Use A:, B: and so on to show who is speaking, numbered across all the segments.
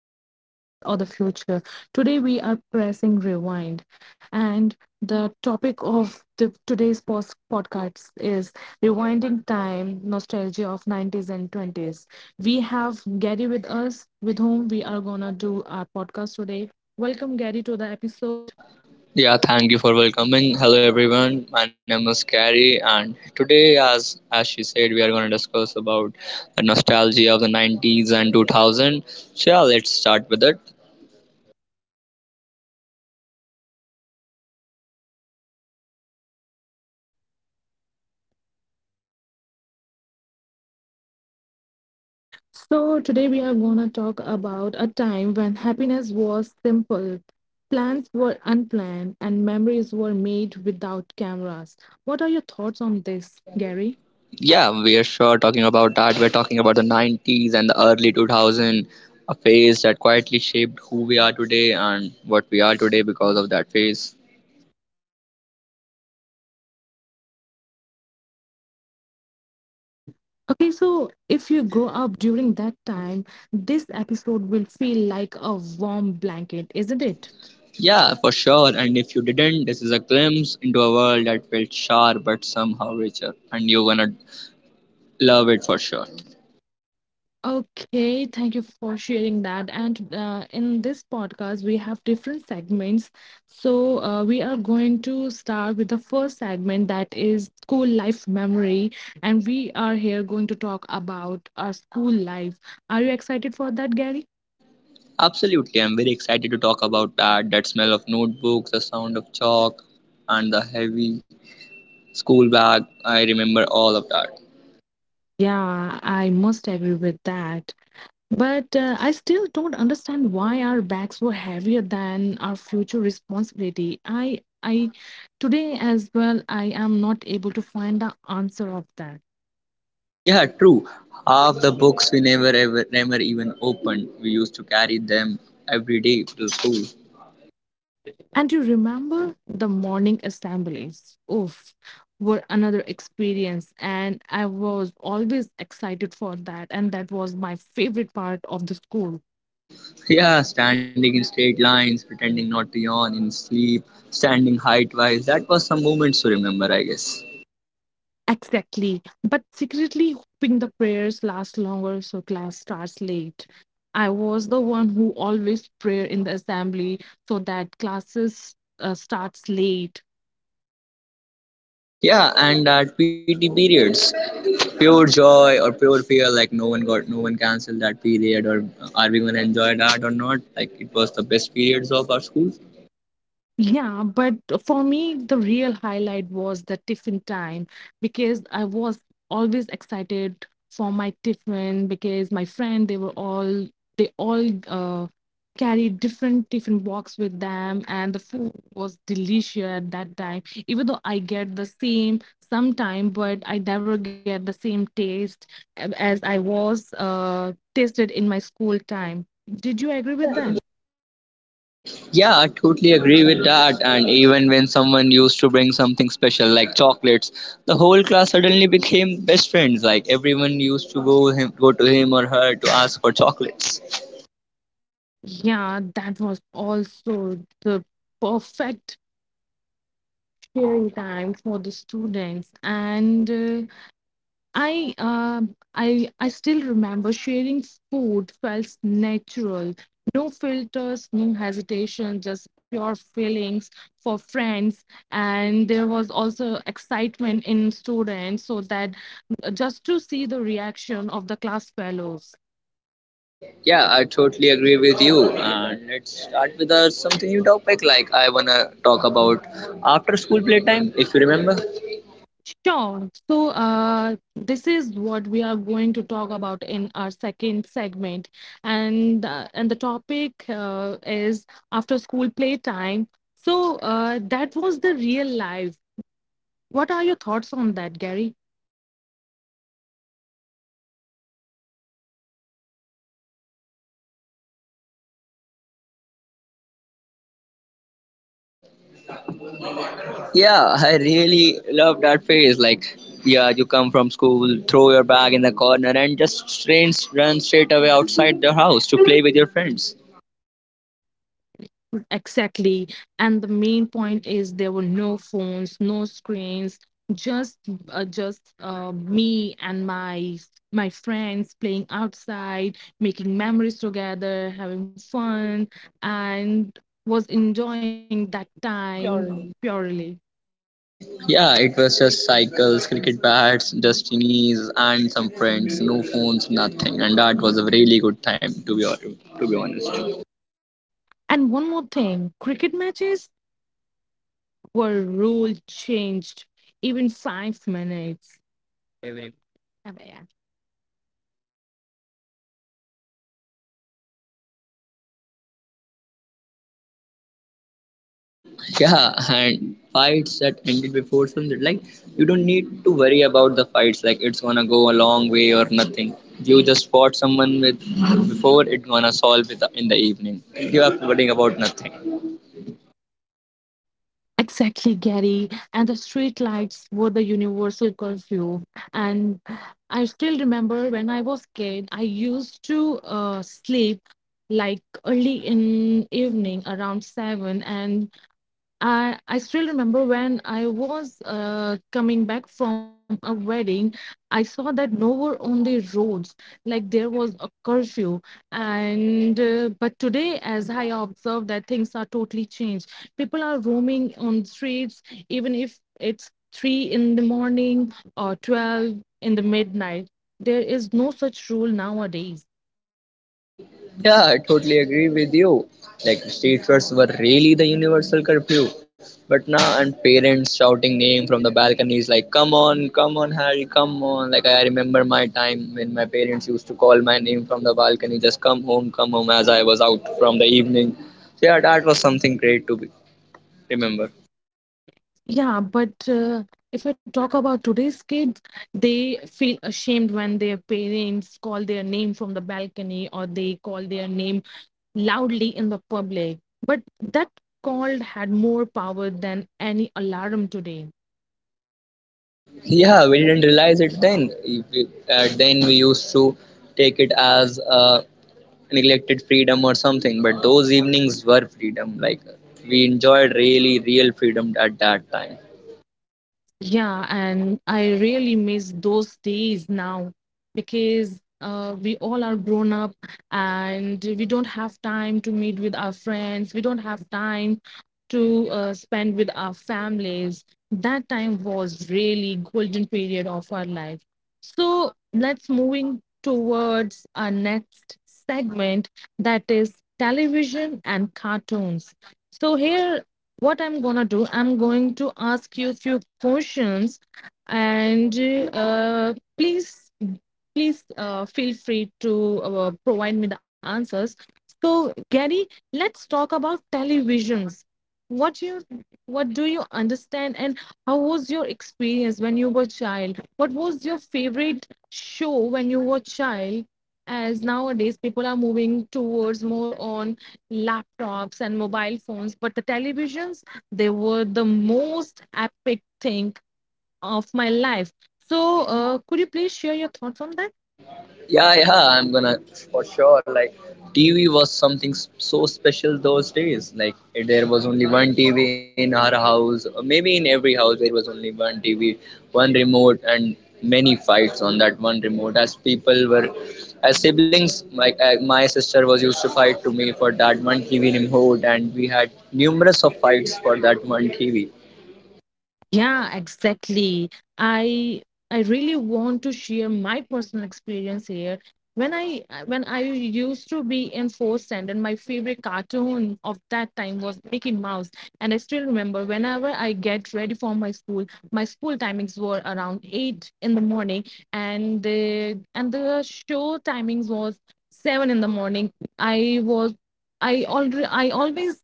A: hacks, trends, or the future. Today we are pressing rewind, and the topic of the today's post podcast is rewinding time, nostalgia of 90s and 20s. We have Gary with us, with whom we are gonna do our podcast today. Welcome, Gary, to the episode.
B: Yeah, thank you for welcoming. Hello, everyone. My name is Carrie, and today, as she said, we are going to discuss about the nostalgia of the 90s and 2000. So, yeah, let's start with it.
A: So, today we are going to talk about a time when happiness was simple, plans were unplanned, and memories were made without cameras. What are your thoughts on this, Gary?
B: Yeah, we are sure talking about that. We're talking about the 90s and the early 2000, a phase that quietly shaped who we are today and what we are today because of that phase.
A: England. Okay, so if you grow up during that time, this episode will feel like a warm blanket, isn't it?
B: Yeah, for sure. And if you didn't, this is a glimpse into a world that felt sharp but somehow richer, and you're gonna love it for sure.
A: Okay, thank you for sharing that. And in this podcast, we have different segments. So we are going to start with the first segment that is school life memory. And we are here going to talk about our school life. Are you excited for that, Gary?
B: Absolutely, I'm very excited to talk about that. That smell of notebooks, the sound of chalk, and the heavy school bag. I remember all of that.
A: Yeah, I must agree with that. But I still don't understand why our backs were heavier than our future responsibility. Today as well, I am not able to find the answer of that.
B: Yeah, true. Half the books we never even opened. We used to carry them every day to school.
A: And you remember the morning assemblies? Oof, were another experience, and I was always excited for that. And that was my favorite part of the school.
B: Yeah, standing in straight lines, pretending not to yawn in sleep, standing height wise. That was some moments to remember, I guess.
A: Exactly. But secretly hoping the prayers last longer so class starts late. I was the one who always prayer in the assembly so that classes starts late.
B: Yeah, and that PT periods, pure joy or pure fear, like no one canceled that period, or are we gonna enjoy that or not? Like it was the best periods of our schools.
A: Yeah, but for me, the real highlight was the tiffin time because I was always excited for my tiffin because my friend, they were all, they all carried different tiffin box with them and the food was delicious at that time. Even though I get the same sometime, but I never get the same taste as I was tasted in my school time. Did you agree with that?
B: Yeah, I totally agree with that. And even when someone used to bring something special like chocolates, the whole class suddenly became best friends. Like everyone used to go to him or her to ask for chocolates.
A: Yeah, that was also the perfect sharing time for the students, and I, uh, I still remember sharing food felt natural, no filters, no hesitation, just pure feelings for friends, and there was also excitement in students, so that just to see the reaction of the class fellows.
B: Yeah, I totally agree with you. And let's start with a something new topic. I wanna talk about after school playtime, if you remember.
A: Sure. So, this is what we are going to talk about in our second segment, and the topic is after school playtime. So, that was the real life. What are your thoughts on that, Gary?
B: Yeah, I really love that phase. Like, yeah, you come from school, throw your bag in the corner, and just strains run straight away outside the house to play with your friends.
A: Exactly. And the main point is there were no phones, no screens, just me and my friends playing outside, making memories together, having fun, and was enjoying that time purely.
B: Yeah, it was just cycles, cricket bats, dusty knees, and some friends. No phones, nothing, and that was a really good time to be honest.
A: And one more thing, cricket matches were rule changed even 5 minutes. Every-
B: Yeah, and fights that ended before sunset. Like, you don't need to worry about the fights, like it's gonna go a long way or nothing. You just fought someone with, before, it gonna solve it in the evening. You are worrying about nothing.
A: Exactly, Gary. And the street lights were the universal curfew. And I still remember when I was kid, I used to sleep like early in evening around seven and I still remember when I was coming back from a wedding, I saw that nowhere on the roads, like there was a curfew. And but today, as I observe that things are totally changed, people are roaming on streets, even if it's three in the morning or 12 in the midnight. There is no such rule nowadays.
B: Yeah, I totally agree with you. Like street fairs were really the universal curfew. But now and parents shouting name from the balconies like come on, come on Harry, come on. Like I remember my time when my parents used to call my name from the balcony, just come home as I was out from the evening. So yeah, that was something great to be, remember.
A: Yeah, but if I talk about today's kids, they feel ashamed when their parents call their name from the balcony or they call their name loudly in the public. But that call had more power than any alarm today.
B: Yeah, we didn't realize it then. If we- then we used to take it as a neglected freedom or something, but those evenings were freedom, like we enjoyed really real freedom at that time.
A: Yeah, and I really miss those days now because we all are grown up and we don't have time to meet with our friends. We don't have time to spend with our families. That time was really golden period of our life. So let's moving towards our next segment that is television and cartoons. So here what I'm gonna do, I'm going to ask you a few questions, and uh, please please feel free to provide me the answers. So Gary, let's talk about televisions. What you, what do you understand, and how was your experience when you were a child? What was your favorite show when you were a child? As nowadays people are moving towards more on laptops and mobile phones, but the televisions, they were the most epic thing of my life. So, could you please share your thoughts on that?
B: Yeah, I'm gonna for sure. Like, TV was something so special those days. Like, there was only one TV in our house, or maybe in every house, there was only one TV, one remote, and many fights on that one remote. As people were, as siblings, like my sister was used to fight to me for that one TV remote, and we had numerous of fights for that one TV.
A: Yeah, exactly. I I really want to share my personal experience here. When I used to be in fourth standard, my favorite cartoon of that time was Mickey Mouse, and I still remember whenever I get ready for my school timings were around eight in the morning, and the show timings was seven in the morning. I was I already I always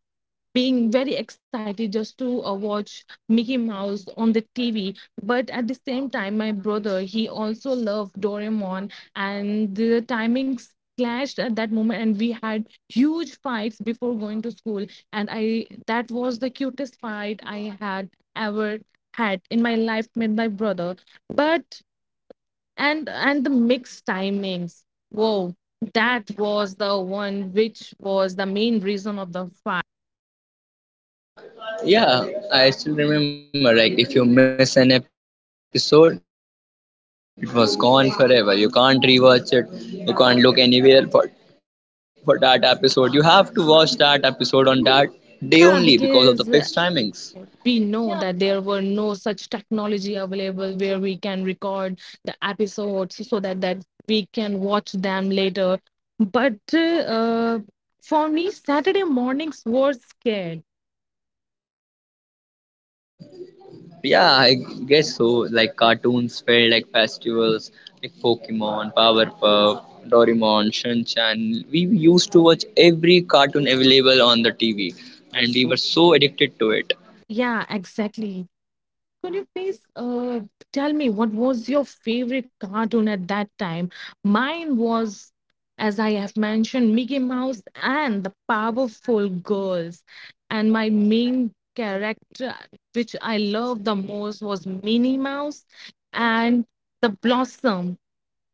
A: being very excited just to watch Mickey Mouse on the TV. But at the same time, my brother, he also loved Doraemon, and the timings clashed at that moment and we had huge fights before going to school. And I That was the cutest fight i had ever had in my life with my brother. But and the mixed timings, whoa, that was the one which was the main reason of the.
B: Yeah, I still remember. Like, if you miss an episode, it was gone forever. You can't rewatch it. You can't look anywhere for that episode. You have to watch that episode on that day only because of the fixed timings.
A: Yeah, because we know that there were no such technology available where we can record the episodes so that we can watch them later. But uh, for me, Saturday mornings were scared.
B: Yeah, I guess so. Like, cartoons felt like festivals, like Pokemon, Powerpuff, Doraemon, Shin-Chan. We used to watch every cartoon available on the TV,
A: And we were
B: and we
A: so.
B: were so addicted to it.
A: Yeah, exactly. Could you please tell me what was your favorite cartoon at that time? Mine was, as I have mentioned, Mickey Mouse and the Powerful Girls. And my main character, which I loved the most, was Minnie Mouse and the Blossom,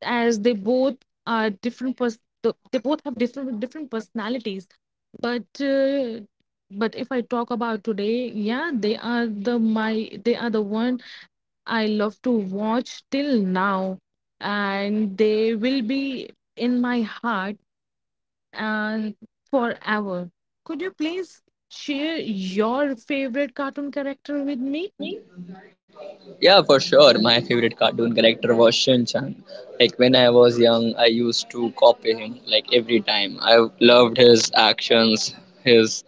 A: as they both are they both have different personalities. But if I talk about today, yeah, they are the one I love to watch till now, and they will be in my heart and forever. Could you please share your favorite cartoon character with me?
B: Yeah, for sure. My favorite cartoon character was Shin-chan. Like when I was young, I used to copy him like every time. I loved his actions, his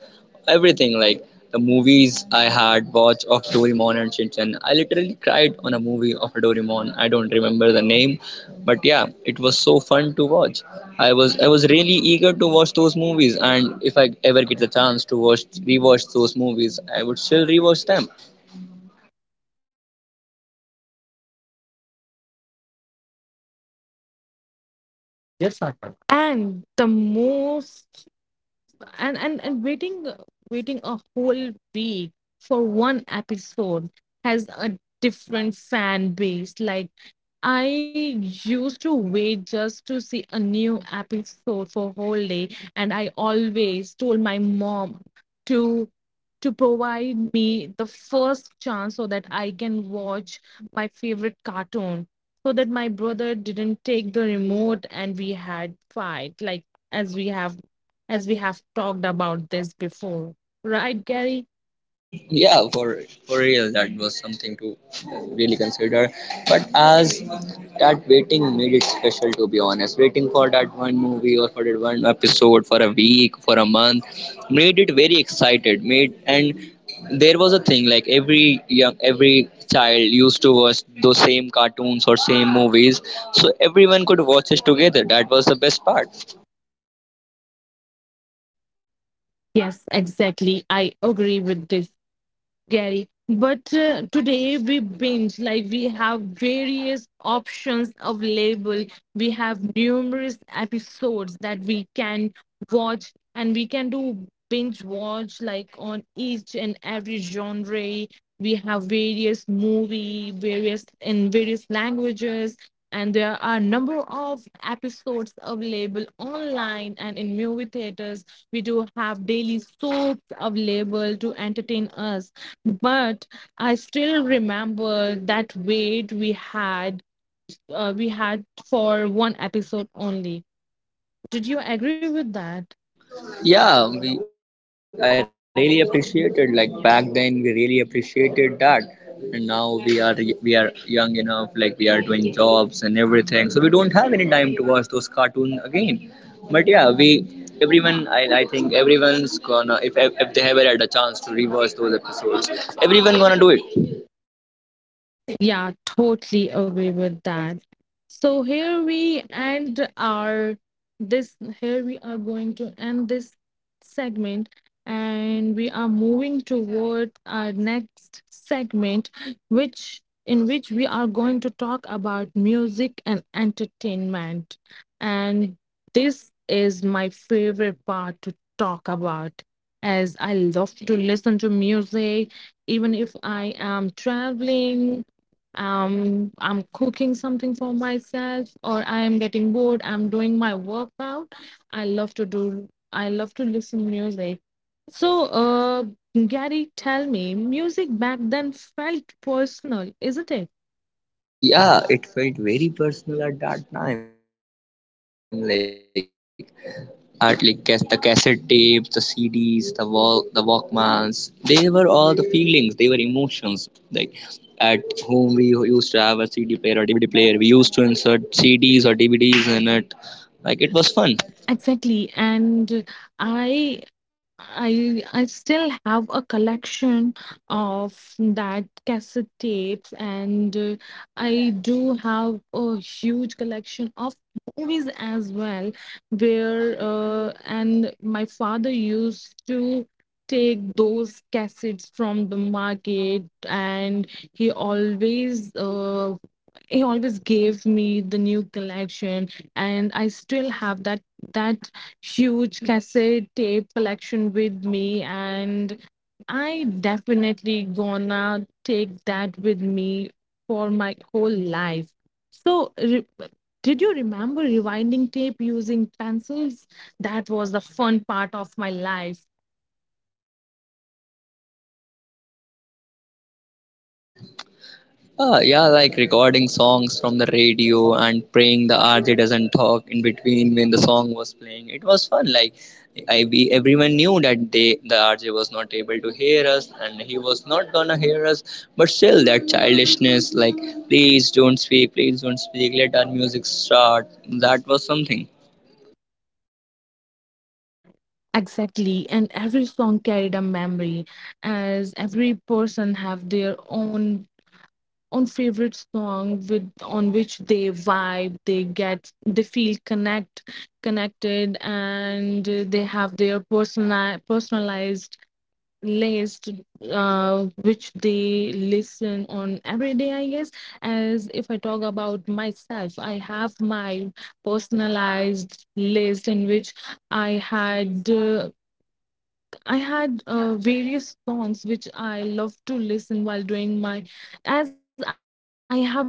B: everything, like the movies I had watched of Doraemon and Shin-chan. I literally cried on a movie of Doraemon. I don't remember the name, but yeah, it was so fun to watch. I was really eager to watch those movies, and if I ever get the chance to watch rewatch those movies, I would still rewatch them.
A: Yes, Arpan. And the most and waiting waiting a whole week for one episode has a different fan base, like I used to wait just to see a new episode for whole day. And I always told my mom to to provide me the first chance so that I can watch my favorite cartoon, so that my brother didn't take the remote and we had fight, like as we have as we have talked about this before, right, Gary?
B: Yeah, for real, that was something to really consider. But as that waiting made it special, to be honest, waiting for that one movie or for that one episode for a week, for a month, made it very excited made, and there was a thing like every child used to watch those same cartoons or same movies, so everyone could watch it together. That was the best part.
A: Yes, exactly, I agree with this, Gary. But today we binge, like we have various options available. We have numerous episodes that we can watch, and we can do binge watch like on each and every genre. We have various movie, various in various languages, and there are a number of episodes available online and in movie theaters. We do have daily soaps available to entertain us, but I still remember that wait we had, we had for one episode only. Did you agree with that?
B: Yeah, we I really appreciated, like back then we really appreciated that, and now we are young enough, like we are doing jobs and everything, so we don't have any time to watch those cartoon again. But yeah, we everyone, I think everyone's gonna, if they ever had a chance to reverse those episodes, everyone gonna do it.
A: Yeah, totally agree with that. So here we end our this, here we are going to end this segment, and we are moving towards our next segment, which in which we are going to talk about music and entertainment. And this is my favorite part to talk about, as I love to listen to music even if I am traveling, I'm cooking something for myself, or I am getting bored, I'm doing my workout. I love to listen music. So Gary, tell me, music back then felt personal, isn't it?
B: Yeah, it felt very personal at that time, like the cassette tapes, the cds, the walkmans, they were all the feelings, they were emotions. Like at home, we used to have a cd player or dvd player, we used to insert cds or dvds in it. Like, it was fun.
A: Exactly. And I I still have a collection of that cassette tapes, and I do have a huge collection of movies as well, where and my father used to take those cassettes from the market, and he always uh, he always gave me the new collection. And I still have that huge cassette tape collection with me, and I definitely gonna take that with me for my whole life. So, did you remember rewinding tape using pencils? That was the fun part of my life.
B: Ah, yeah, like recording songs from the radio and praying the RJ doesn't talk in between when the song was playing. It was fun. Like, everyone knew that the RJ was not able to hear us and he was not gonna hear us. But still, that childishness, like please don't speak, please don't speak. Let our music start. That was something.
A: Exactly. And every song carried a memory, as every person have their own. On favorite song with on which they vibe, they get, they feel connected, and they have their personal personalized list which they listen on every day, I guess. As if I talk about myself, I have my personalized list in which i had uh, I had various songs which I love to listen while doing my, as I have different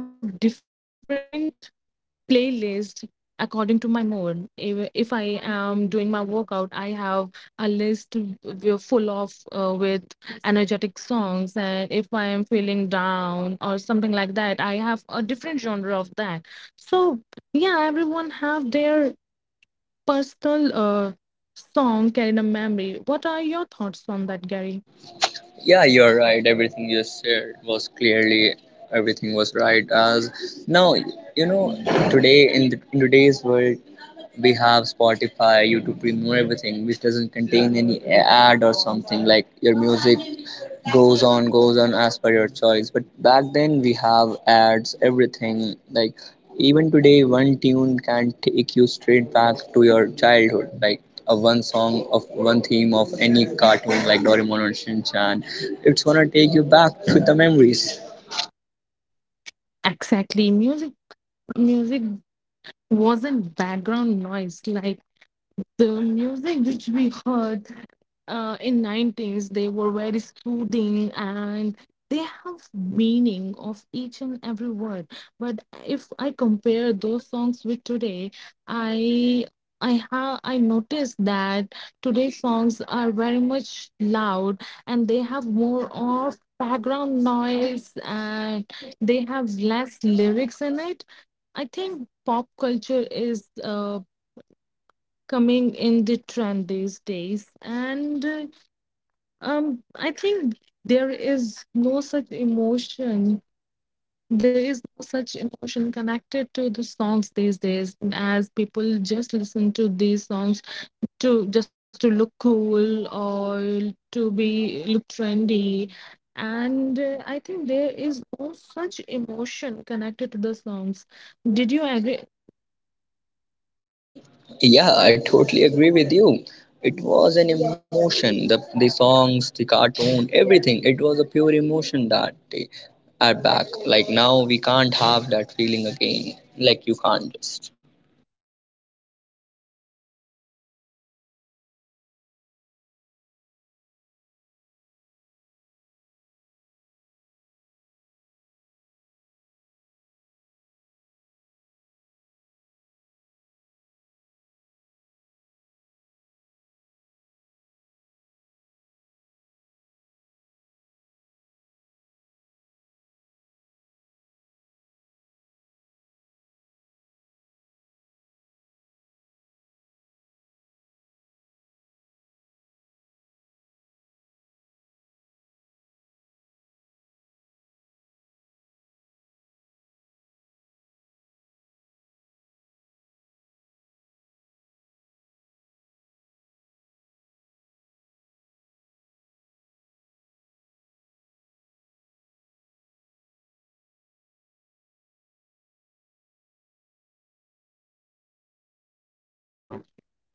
A: playlist according to my mood. If I am doing my workout, I have a list w- full of with energetic songs, and if I am feeling down or something like that, I have a different genre of that. So yeah, everyone have their personal song carried a memory. What are your thoughts on that, Gary?
B: Yeah, you're right. Everything you said was clearly everything was right. As now, you know, today in today's world we have spotify youtube premium, everything, which doesn't contain any ad or something, like your music goes on as per your choice. But back then we have ads everything. Like, even today one tune can take you straight back to your childhood, like a one song of one theme of any cartoon like doraemon or Shin Chan, it's gonna take you back to the memories.
A: Exactly, music music wasn't background noise. Like the music which we heard in 90s, they were very soothing and they have meaning of each and every word. But if I compare those songs with today, i I noticed that today's songs are very much loud, and they have more of background noise and they have less lyrics in it. I think pop culture is coming in the trend these days, and I think there is no such emotion, connected to the songs these days, as people just listen to these songs to just to look cool or to be look trendy. And I think there is no such emotion connected to the songs. Did you agree?
B: Yeah, I totally agree with you. It was an emotion. The songs, the cartoon, everything. It was a pure emotion that they are back. Like now we can't have that feeling again. Like you can't just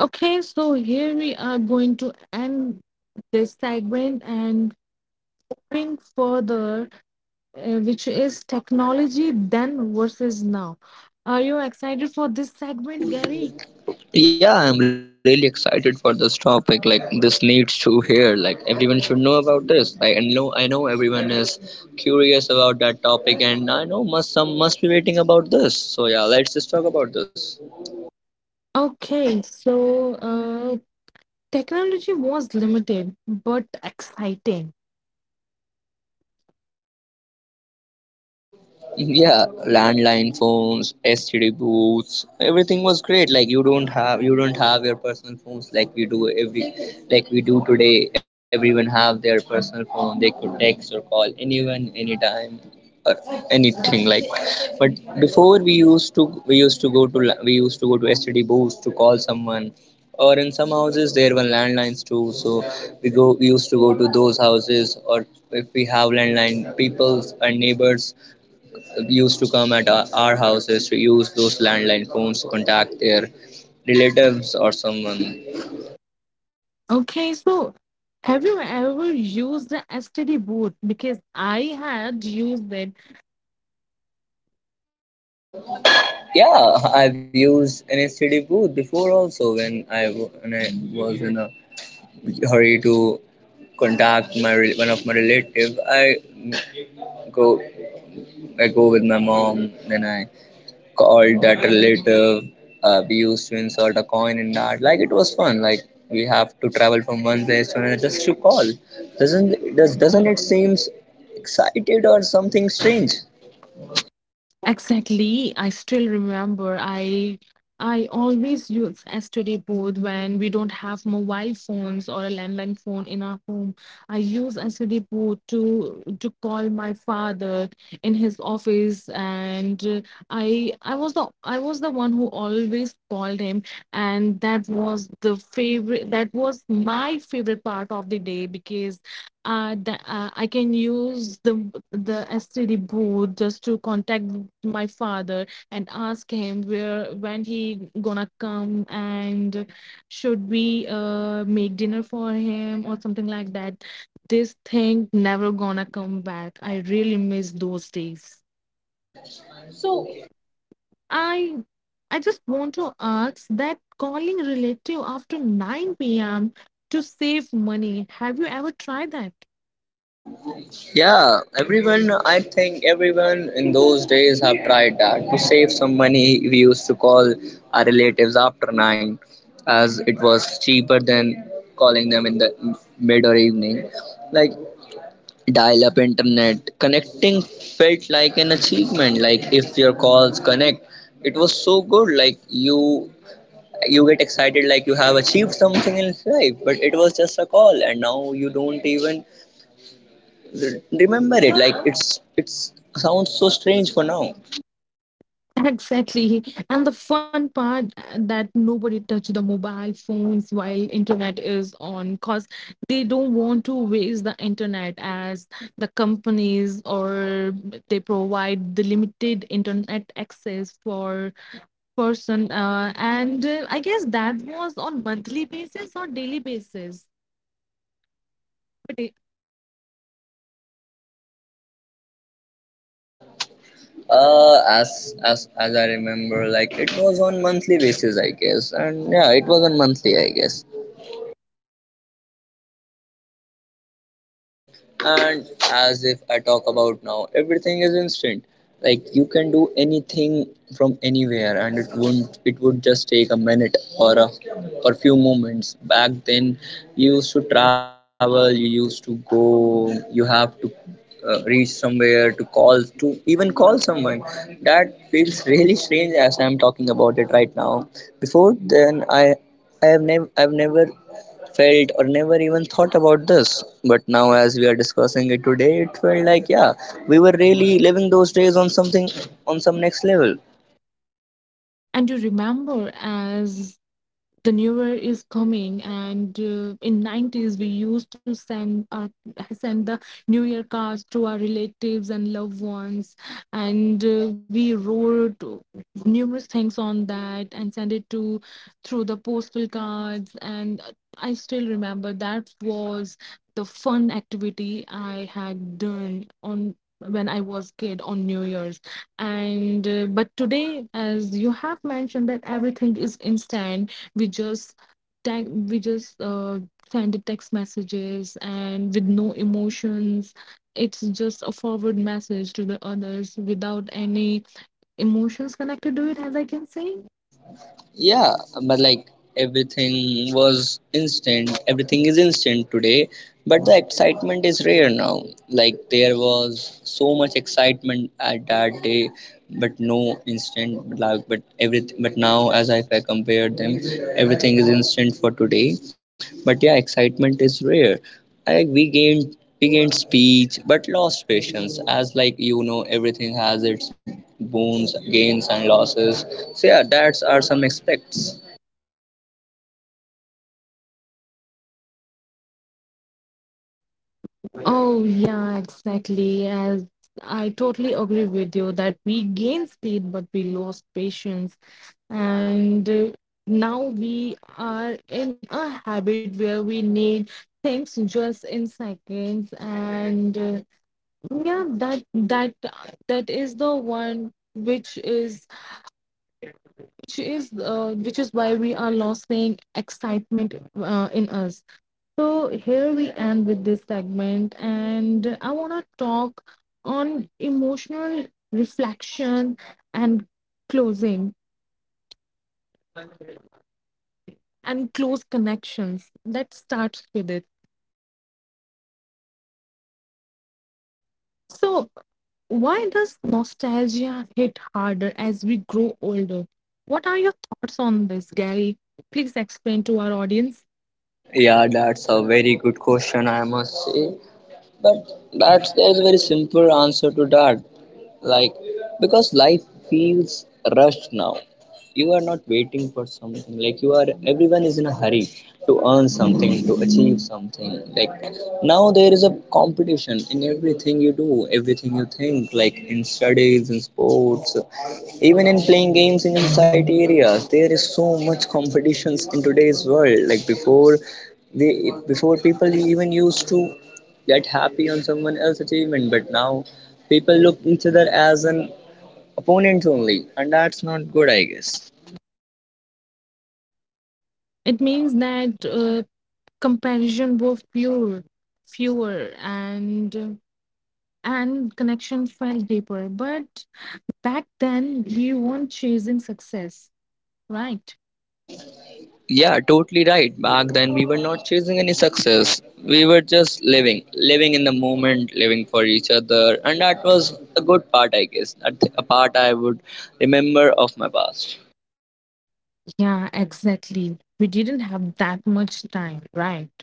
A: Okay, so here we are going to end this segment and bring further, which is technology then versus now. Are you excited for this segment, Gary?
B: Yeah, I'm really excited for this topic. Like this needs to hear. Like everyone should know about this. I know everyone is curious about that topic, and I know must some must be waiting about this. So yeah, let's just talk about this.
A: Okay, so technology was limited but exciting.
B: Yeah, landline phones, std booths, everything was great. Like you don't have your personal phones like we do today. Everyone have their personal phone, they could text or call anyone anytime or anything. Like, but before, we used to we used to go to std booths to call someone, or in some houses there were landlines too. So we used to go to those houses, or if we have landline people's and neighbors used to come at our houses to use those landline phones to contact their relatives or someone.
A: Okay, so have you ever used the STD boot? Because I had used it.
B: Yeah, I've used an STD booth before also when when I was in a hurry to contact my one of my relative. Go I go with my mom, then I called that relative. We used to insert a coin in that. Like it was fun. Like we have to travel from one place to another just to call. Doesn't it seems excited or something strange?
A: Exactly. I still remember, I always use STD board when we don't have mobile phones or a landline phone in our home. I use STD board to call my father in his office. And I was the one who always called him, and that was the favorite that was my favorite part of the day, because I can use the STD booth just to contact my father and ask him where, when he gonna come, and should we make dinner for him or something like that. This thing never gonna come back. I really miss those days.
B: So
A: So, I I just want to ask that, calling relative after 9 p.m. to save money, have you ever tried that?
B: yeah, everyone. I think everyone in those days have tried that to save some money. We used to call our relatives after nine, as it was cheaper than calling them in the mid or evening. Like, dial-up internet connecting felt like an achievement. Like if your calls connect, it was so good, like you get excited like you have achieved something in life, but it was just a call, and now you don't even remember it. Like it's sounds so strange for now.
A: Exactly. And the fun part, that nobody touch the mobile phones while internet is on, because they don't want to waste the internet, as the companies or they provide the limited internet access for person. And I guess that was on monthly basis or daily basis. But it-
B: As I remember, like it was on monthly basis I guess, and yeah, it was on monthly I guess. And as if I talk about now, everything is instant. Like you can do anything from anywhere and it wouldn't it would just take a minute or a or few moments. Back then you used to travel, you used to go, you have to reach somewhere to call, to even call someone. That feels really strange as I'm talking about it right now. Before then I have never I've never felt or never even thought about this. But now, as we are discussing it today, it felt like, yeah, we were really living those days on something, on some next level.
A: And you remember, as the newer is coming and in 90s, we used to send our send the new year cards to our relatives and loved ones, and we wrote numerous things on that and sent it to through the postal cards. And I still remember that was the fun activity I had done on when I was kid on new year's. And but today, as you have mentioned that everything is instant, we just tag we just uh, send the text messages and with no emotions. It's just a forward message to the others without any emotions connected to it, as I can say.
B: Yeah, but like everything was instant, everything is instant today, but the excitement is rare now. Like, there was so much excitement at that day. But no instant, but like, but everything. But now, as if I compare them, everything is instant for today. But yeah, excitement is rare. Like we gained, we gained speech but lost patience. As like you know everything has its boons, gains and losses. So yeah, that's are some aspects.
A: Oh yeah, exactly. As I totally agree with you that we gained speed but we lost patience. And now we are in a habit where we need things just in seconds. And yeah, that that is the one which is, which is which is why we are losing excitement in us. So here we end with this segment, and I want to talk on emotional reflection and closing and close connections. Let's start with it. So, why does nostalgia hit harder as we grow older? What are your thoughts on this, Gary? Please explain to our audience.
B: Yeah, that's a very good question, I must say. But that's, there's a very simple answer to that. Like, because life feels rushed now. You are not waiting for something. Like you are, everyone is in a hurry to earn something, to achieve something. Like now there is a competition in everything you do, everything you think, like in studies, in sports, even in playing games, in society areas, there is so much competitions in today's world. Like before they, before people even used to get happy on someone else's achievement, but now people look each other as an opponent only, and that's not good, I guess.
A: It means that comparison were fewer, fewer, and connection felt deeper. But back then, we weren't chasing success, right?
B: Yeah, totally right. Back then, we were not chasing any success. We were just living, living in the moment, living for each other, and that was a good part, I guess. That a part I would remember of my past.
A: Yeah, exactly. We didn't have that much time, right?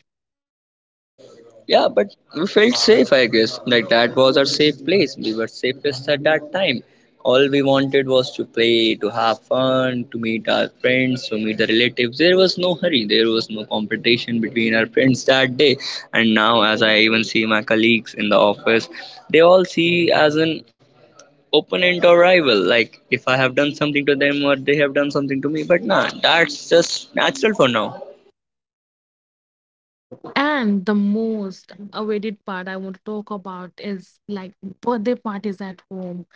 B: Yeah, but we felt safe, I guess. Like that was our safe place. We were safest at that time. All we wanted was to play, to have fun, to meet our friends, to meet the relatives. There was no hurry, there was no competition between our friends that day. And now, as I even see my colleagues in the office, they all see as an opponent or rival. Like if I have done something to them or they have done something to me. But nah, that's just natural for now.
A: And the most awaited part I want to talk about is like birthday parties at home.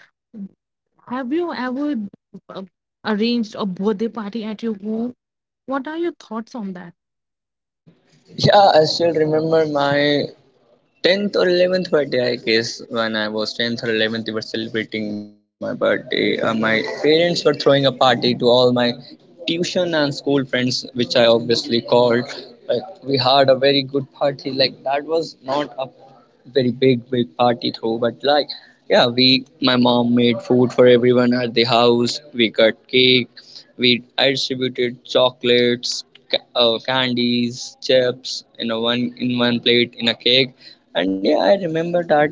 A: Have you ever uh, arranged a birthday party at your home? What are your thoughts on that?
B: Yeah, I still remember my 10th or 11th birthday, I guess. When I was 10th or 11th, they were celebrating my birthday. My parents were throwing a party to all my tuition and school friends, which I obviously called. But we had a very good party. Like that was not a very big party through, but like, yeah, we, my mom made food for everyone at the house. We cut cake, we, I distributed chocolates, candies, chips in a one, in one plate in a cake. And yeah, I remember that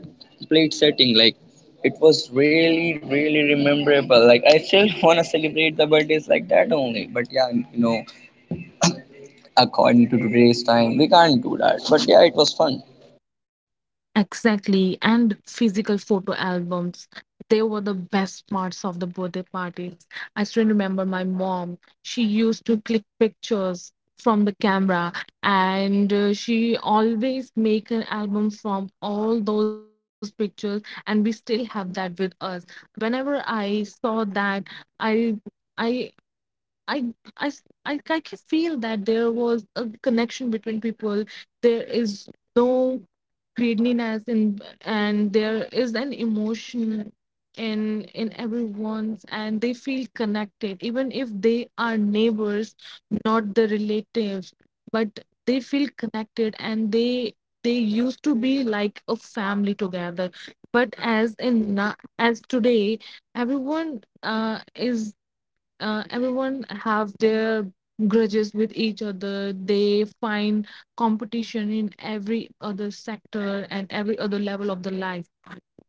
B: plate setting. Like it was really, really rememberable. Like I still wanna celebrate the birthdays like that only. But yeah, you know, according to today's time, we can't do that. But yeah, it was fun.
A: Exactly, and physical photo albums. They were the best parts of the birthday parties. I still remember my mom. She used to click pictures from the camera, and she always make an album from all those pictures, and we still have that with us. Whenever I saw that, I I I can feel that there was a connection between people. There is no greediness in, and there is an emotion in everyone's, and they feel connected even if they are neighbors, not the relatives, but they feel connected and they used to be like a family together. But as today, everyone is everyone have their grudges with each other. They find competition in every other sector and every other level of the life.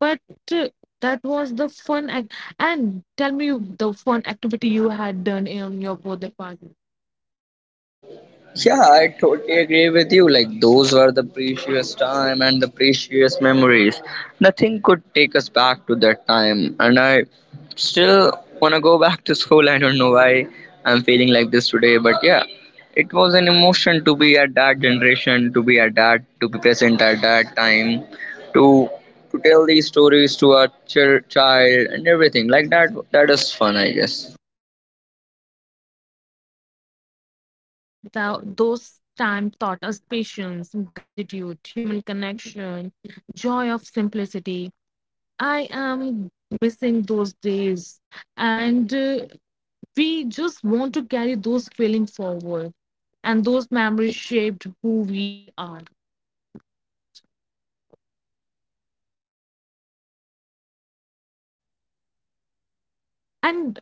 A: But uh, that was the fun act. And tell me the fun activity you had done in your birthday party.
B: Yeah, I totally agree with you. Like those were the precious time and the precious memories. Nothing could take us back to that time. And I still wanna go back to school. I don't know why I'm feeling like this today, but yeah. It was an emotion to be at that generation, to be at that, to be present at that time, to to tell these stories to our child and everything. Like that, that is fun, I guess.
A: And the main part, that those time taught us patience, gratitude, human connection, joy of simplicity. I am missing those days. And we just want to carry those feelings forward, and those memories shaped who we are. And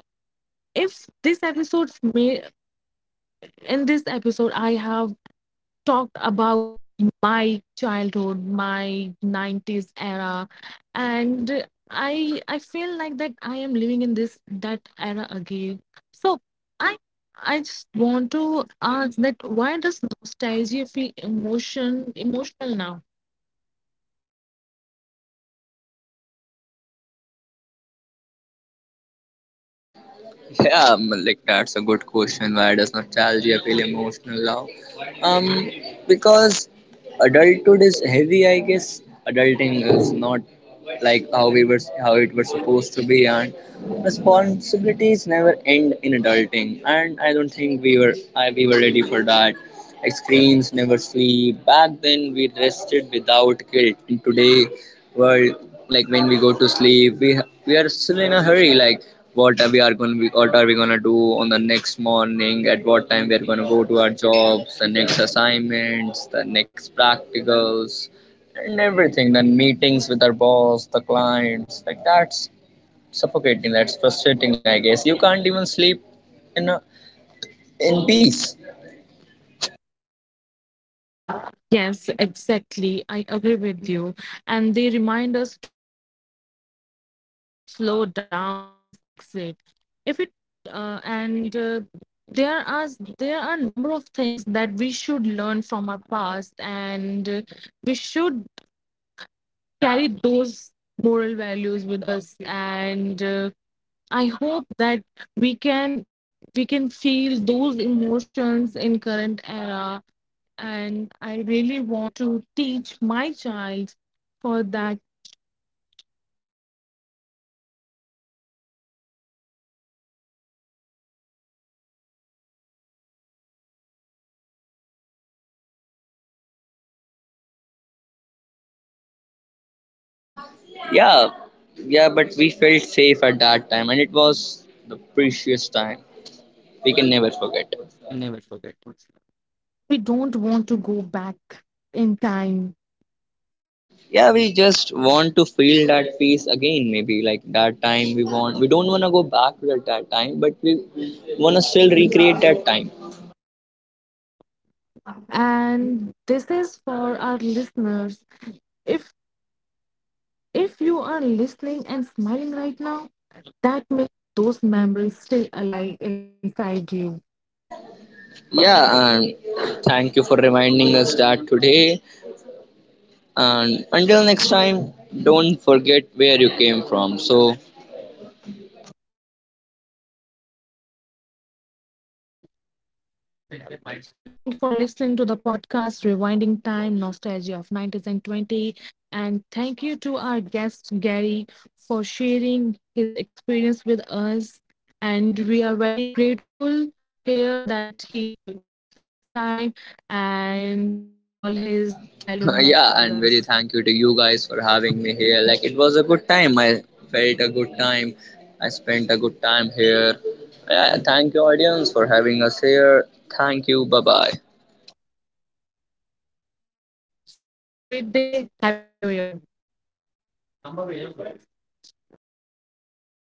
A: if this episode, may, in this episode, I have talked about my childhood, my 90s era, and I feel like that I am living in this that era again. So, I I just want to ask that, why does nostalgia feel emotional now?
B: Yeah, like that's a good question. Why does nostalgia feel emotional now? Um, because adulthood is heavy, I guess. Adulting is not like how we were, how it was supposed to be, and responsibilities never end in adulting. And I don't think we were, I, we were ready for that. Like screens never sleep. Back then, we rested without guilt. And today, world, like when we go to sleep, we are still in a hurry. Like what are we are going to, what are we going to do on the next morning, at what time we are going to go to our jobs, the next assignments, the next practicals and everything, then meetings with our boss, the clients. Like that's suffocating, that's frustrating, I guess. You can't even sleep in a, in peace.
A: Yes, exactly. I agree with you. And they remind us to slow down, to live, not just exit. If it and there are there are a number of things that we should learn from our past. And we should carry those moral values with us. And I hope that we can we can feel those emotions in current era, and I really want to teach my child for that.
B: Yeah. Yeah, but we felt safe at that time and it was the precious time, we can never
A: We
B: forget.
A: can never forget. We don't want to go back in time.
B: Yeah, we just want to feel that peace again, maybe like that time we want, we don't want to go back to that time, but we want to still recreate that time.
A: And this is for our listeners. if if you are listening and smiling right now, that makes those memories still alive inside you.
B: Yeah, and thank you for reminding us that today. And until next time, don't forget where you came from. So
A: Thank you for listening. Thank you for listening to the podcast, Rewinding Time, Nostalgia of 90s and 20. And thank you to our guest, Gary, for sharing his experience with us. And we are very grateful here that he took his time and share all his childhood memory with us.
B: yeah, and very thank you to you guys for having me here. Like it was a good time, I felt a good time, I spent a good time here. Yeah, thank you audience for having us here. Thank you, bye bye.
A: Have a great day. Happy New Year. That's so yum.